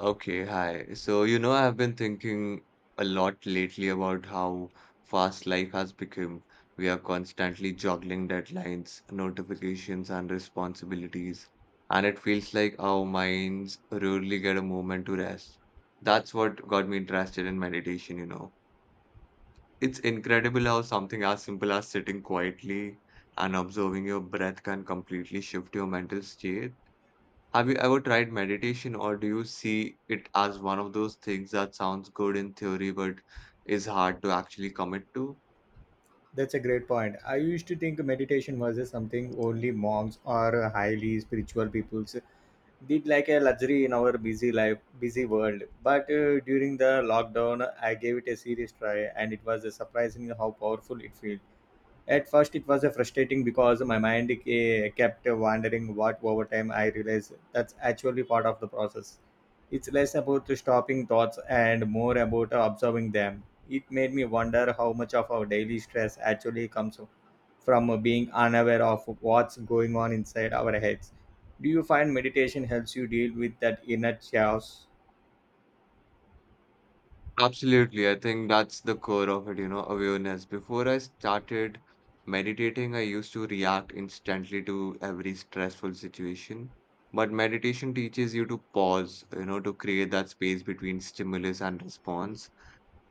Okay, hi. I've been thinking a lot lately about how fast life has become. We are constantly juggling deadlines, notifications, and responsibilities, and it feels like our minds rarely get a moment to rest. That's what got me interested in meditation. It's incredible how something as simple as sitting quietly and observing your breath can completely shift your mental state. Have you ever tried meditation, or do you see it as one of those things that sounds good in theory but is hard to actually commit to? That's a great point. I used to think meditation was just something only monks or highly spiritual peoples did like a luxury in our busy life, busy world. But during the lockdown, I gave it a serious try and it was surprising how powerful it feels. At first, it was frustrating because my mind kept wandering. What over time I realized that's actually part of the process. It's less about stopping thoughts and more about observing them. It made me wonder how much of our daily stress actually comes from being unaware of what's going on inside our heads. Do you find meditation helps you deal with that inner chaos? Absolutely. I think that's the core of it, awareness. Before I started meditating, I used to react instantly to every stressful situation. But meditation teaches you to pause, to create that space between stimulus and response.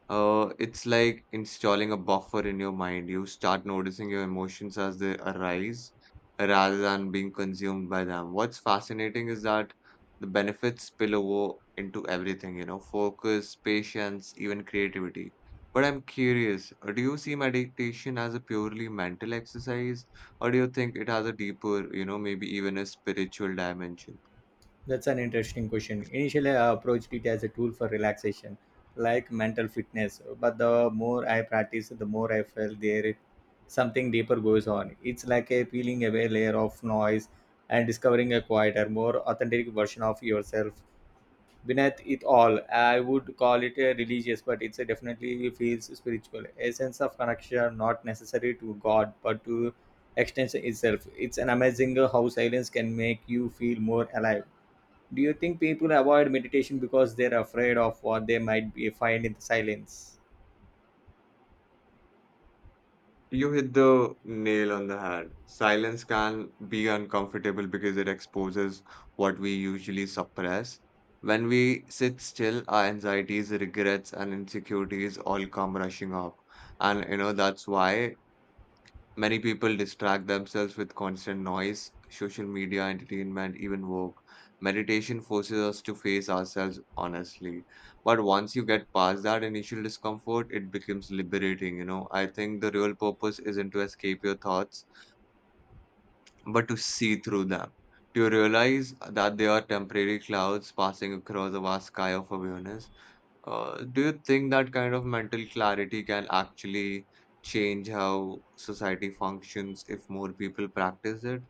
It's like installing a buffer in your mind. You start noticing your emotions as they arise rather than being consumed by them. What's fascinating is that the benefits spill over into everything, focus, patience, even creativity. But I'm curious, do you see meditation as a purely mental exercise, or do you think it has a deeper, maybe even a spiritual dimension? That's an interesting question. Initially, I approached it as a tool for relaxation, like mental fitness. But the more I practice, the more I felt there is something deeper goes on. It's like a peeling away layer of noise and discovering a quieter, more authentic version of yourself. Beneath it all, I would call it a religious, but it's a definitely feels spiritual. A sense of connection, not necessary to God, but to extension itself. It's an amazing how silence can make you feel more alive. Do you think people avoid meditation because they're afraid of what they might be find in the silence? You hit the nail on the head. Silence can be uncomfortable because it exposes what we usually suppress. When we sit still, our anxieties, regrets, and insecurities all come rushing up. And that's why many people distract themselves with constant noise, social media, entertainment, even work. Meditation forces us to face ourselves honestly. But once you get past that initial discomfort, it becomes liberating. I think the real purpose isn't to escape your thoughts, but to see through them. To realize that they are temporary clouds passing across a vast sky of awareness. Do you think that kind of mental clarity can actually change how society functions if more people practice it?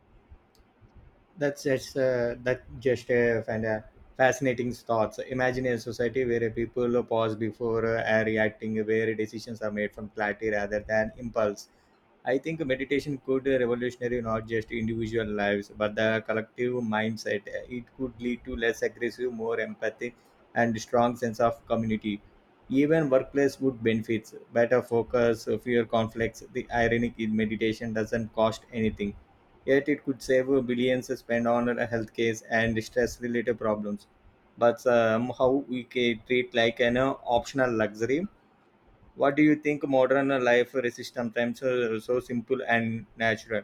That's just that just and Fascinating thoughts. Imagine a society where people pause before reacting, where decisions are made from clarity rather than impulse. I think meditation could revolutionary not just individual lives, but the collective mindset. It could lead to less aggressive, more empathic, and strong sense of community. Even workplace would benefits, better focus, fewer conflicts. The ironic is meditation doesn't cost anything, yet it could save billions spent on health case and stress-related problems. But somehow we treat like an optional luxury. What do you think modern life is sometimes so simple and natural?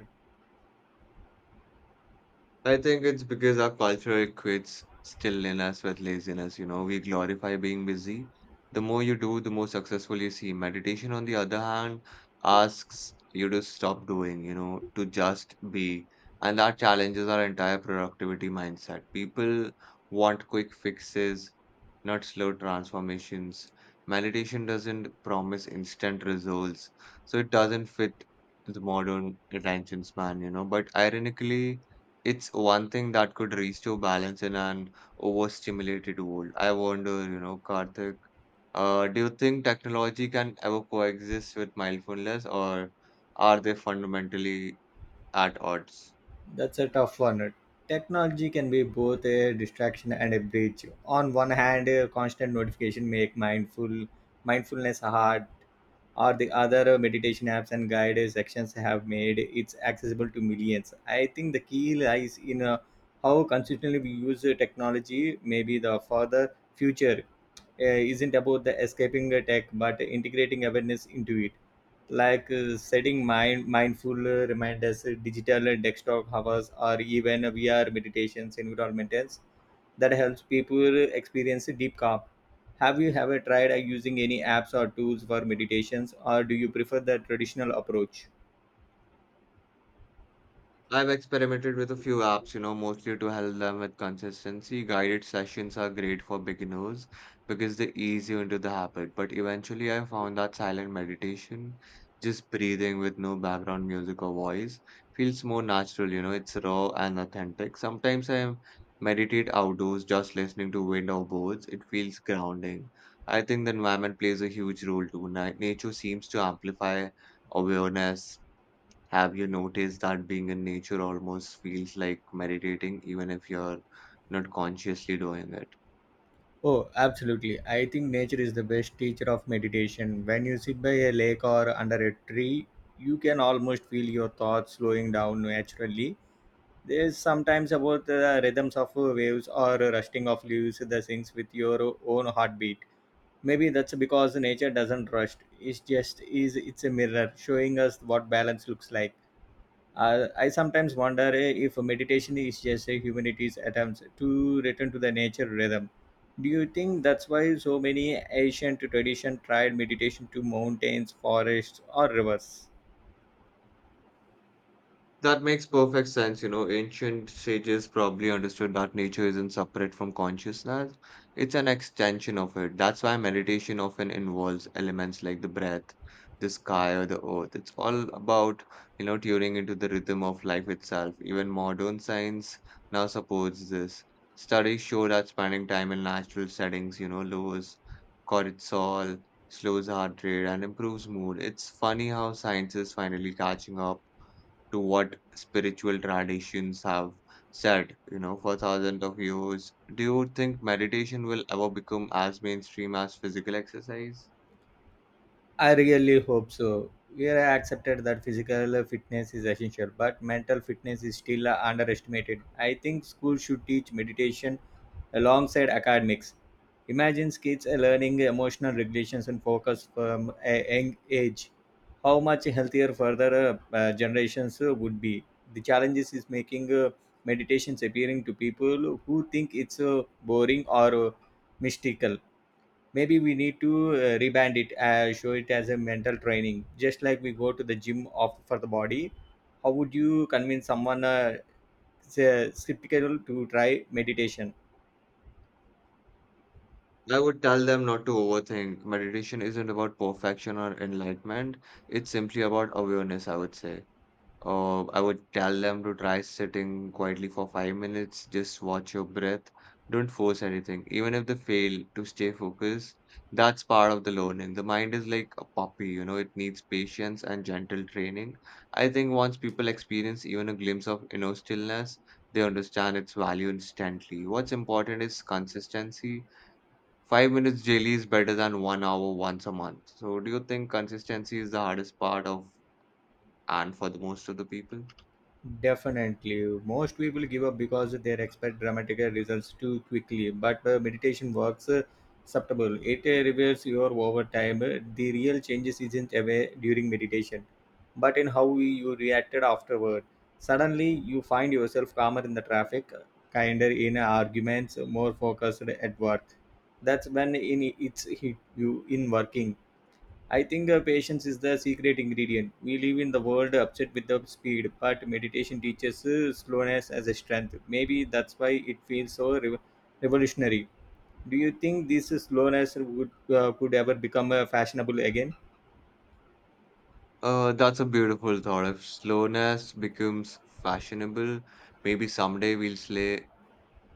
I think it's because our culture equates stillness with laziness. You know, we glorify being busy. The more you do, the more successful you seem. Meditation, on the other hand, asks you to stop doing, to just be. And that challenges our entire productivity mindset. People want quick fixes, not slow transformations. Meditation doesn't promise instant results, so it doesn't fit the modern attention span. But ironically, it's one thing that could restore balance in an overstimulated world. I wonder, Karthik, do you think technology can ever coexist with mindfulness, or are they fundamentally at odds? That's a tough one. Technology can be both a distraction and a bridge. On one hand, constant notification make mindfulness hard, or the other meditation apps and guided sections have made it's accessible to millions. I think the key lies in how consistently we use technology, maybe the for the future uh, isn't about the escaping a tech but integrating awareness into it like setting mindful reminders digital and desktop hours or even VR meditations environments that helps people experience deep calm. Have you ever tried using any apps or tools for meditations or do you prefer the traditional approach? I've experimented with a few apps, mostly to help them with consistency. Guided sessions are great for beginners because they ease you into the habit. But eventually, I found that silent meditation, just breathing with no background music or voice, feels more natural, it's raw and authentic. Sometimes I meditate outdoors, just listening to wind or birds. It feels grounding. I think the environment plays a huge role too. Nature seems to amplify awareness. Have you noticed that being in nature almost feels like meditating, even if you're not consciously doing it? Oh, absolutely. I think nature is the best teacher of meditation. When you sit by a lake or under a tree, you can almost feel your thoughts slowing down naturally. There's sometimes about the rhythms of waves or rusting of leaves that syncs with your own heartbeat. Maybe that's because nature doesn't rush. It's just is it's a mirror showing us what balance looks like. I sometimes wonder if meditation is just a humanity's attempt to return to the nature rhythm. Do you think that's why so many ancient traditions tried meditation to mountains, forests, or rivers? That makes perfect sense. You know, ancient sages probably understood that nature isn't separate from consciousness, it's an extension of it. That's why meditation often involves elements like the breath, the sky, or the earth. It's all about, tuning into the rhythm of life itself. Even modern science now supports this. Studies show that spending time in natural settings, lowers cortisol, slows heart rate, and improves mood. It's funny how science is finally catching up to what spiritual traditions have said, for thousands of years. Do you think meditation will ever become as mainstream as physical exercise? I really hope so. We are accepted that physical fitness is essential, but mental fitness is still underestimated. I think schools should teach meditation alongside academics. Imagine kids are learning emotional regulations and focus from a young age. How much healthier further generations would be. The challenges is making meditations appearing to people who think it's boring or mystical. Maybe we need to reband it, show it as a mental training, just like we go to the gym of, for the body. How would you convince someone skeptical to try meditation? I would tell them not to overthink. Meditation isn't about perfection or enlightenment. It's simply about awareness, I would say. I would tell them to try sitting quietly for 5 minutes, just watch your breath, don't force anything. Even if they fail to stay focused, that's part of the learning. The mind is like a puppy, it needs patience and gentle training. I think once people experience even a glimpse of inner stillness, they understand its value instantly. What's important is consistency. 5 minutes daily is better than 1 hour once a month. So, do you think consistency is the hardest part of and for the most of the people? Definitely. Most people give up because they expect dramatic results too quickly, but meditation works subtle. It reveals your over time. The real changes isn't away during meditation, but in how you reacted afterward. Suddenly, you find yourself calmer in the traffic, kinder in arguments, more focused at work. That's when in it's hit you in working. I think patience is the secret ingredient. We live in the world upset with the speed, but meditation teaches slowness as a strength. Maybe that's why it feels so revolutionary. Do you think this slowness would could ever become fashionable again? That's a beautiful thought. If slowness becomes fashionable, maybe someday we'll slay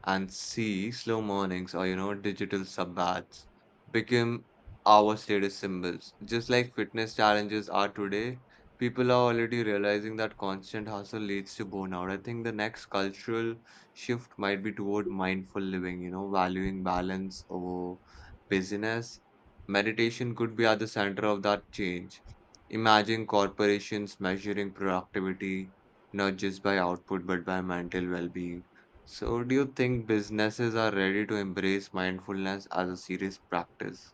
and see slow mornings or digital sub baths become our status symbols. Just like fitness challenges are today, people are already realizing that constant hustle leads to burnout. I think the next cultural shift might be toward mindful living, valuing balance over busyness. Meditation could be at the center of that change. Imagine corporations measuring productivity not just by output but by mental well-being. So, do you think businesses are ready to embrace mindfulness as a serious practice?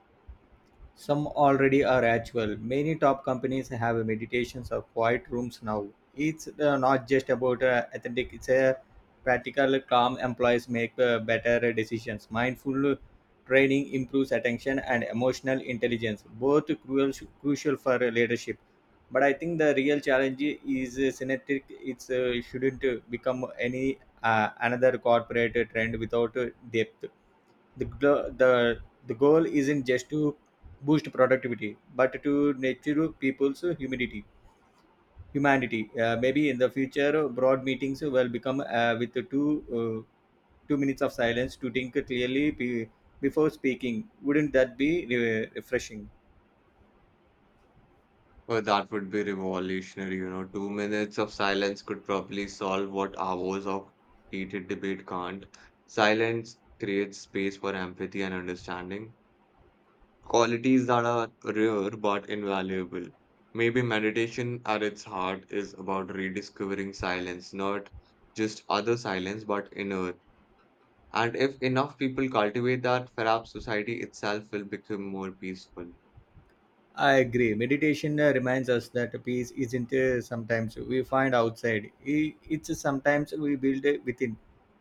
Some already are actual. Many top companies have meditations or quiet rooms now. It's not just about authentic, it's a practical, calm employees make better decisions. Mindful training improves attention and emotional intelligence, both crucial for leadership. But I think the real challenge is synthetic. It shouldn't become any another corporate trend without depth. The, gl- The goal isn't just to boost productivity but to nurture people's humidity humanity. Maybe in the future broad meetings will become with the two uh, 2 minutes of silence to think clearly before speaking. Wouldn't that be refreshing? Well, that would be revolutionary. 2 minutes of silence could probably solve what hours of heated debate can't. Silence creates space for empathy and understanding, qualities that are rare but invaluable. Maybe meditation at its heart is about rediscovering silence, not just other silence, but inner. And if enough people cultivate that, perhaps society itself will become more peaceful. I agree. Meditation reminds us that peace isn't sometimes we find outside. It's sometimes we build it within,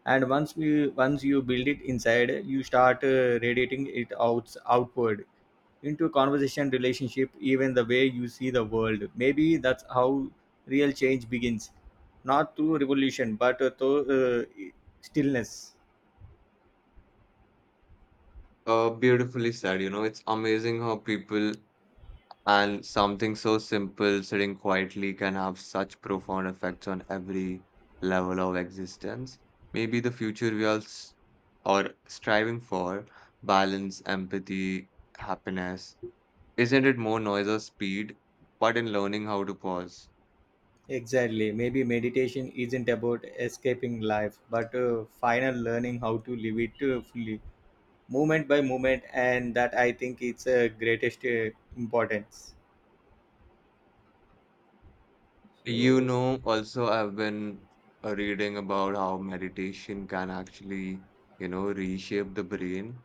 and once you build it inside, you start radiating it outward into conversation, relationship, even the way you see the world. Maybe that's how real change begins, not through revolution, but through uh, stillness. Beautifully said. You know, it's amazing how people and something so simple, sitting quietly, can have such profound effects on every level of existence. Maybe the future we all are striving for, balance, empathy, happiness, isn't it more noise or speed, but in learning how to pause. Exactly. Maybe meditation isn't about escaping life, but final learning how to live it fully, moment by moment, and that I think it's a greatest importance. You So know, also, I've been reading about how meditation can actually reshape the brain.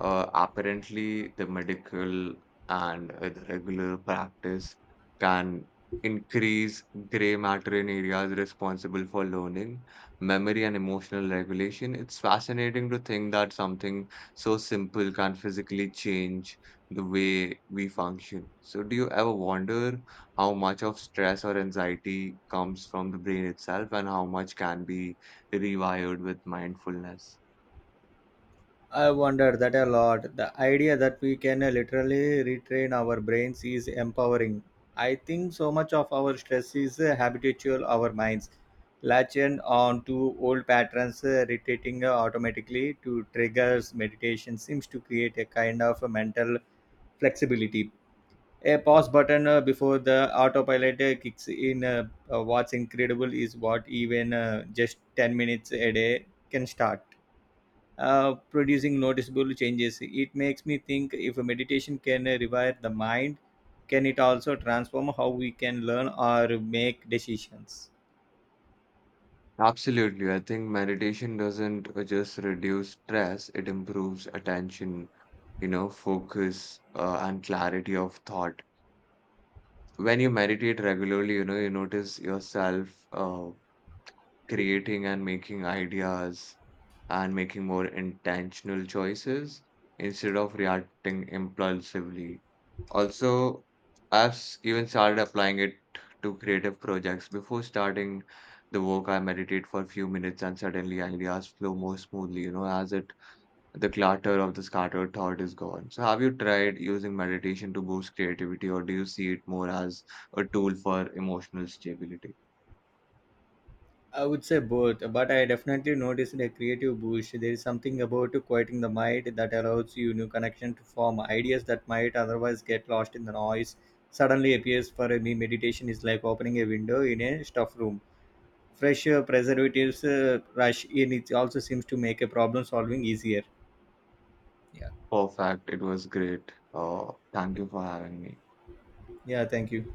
Apparently, the medical and the regular practice can increase gray matter in areas responsible for learning, memory, and emotional regulation. It's fascinating to think that something so simple can physically change the way we function. So, do you ever wonder how much of stress or anxiety comes from the brain itself and how much can be rewired with mindfulness? I wonder that a lot. The idea that we can literally retrain our brains is empowering. I think so much of our stress is habitual, our minds latching on to old patterns, rotating automatically to triggers. Meditation seems to create a kind of a mental flexibility. A pause button before the autopilot kicks in. What's incredible is what even just 10 minutes a day can start producing noticeable changes. It makes me think if a meditation can rewire the mind, can it also transform how we can learn or make decisions? Absolutely. I think meditation doesn't just reduce stress, it improves attention, focus, and clarity of thought. When you meditate regularly, you notice yourself, creating and making ideas and making more intentional choices instead of reacting impulsively. Also, even started applying it to creative projects. Before starting the work, I meditate for a few minutes and suddenly ideas flow more smoothly, as it the clutter of the scattered thought is gone. So, have you tried using meditation to boost creativity, or do you see it more as a tool for emotional stability? I would say both, but I definitely noticed a creative boost. There is something about quieting the mind that allows you new connection to form ideas that might otherwise get lost in the noise. Suddenly appears for me. Meditation is like opening a window in a stuffed room. Fresh preservatives rush in. It also seems to make a problem solving easier. Yeah. Perfect. It was great. Thank you for having me. Yeah, thank you.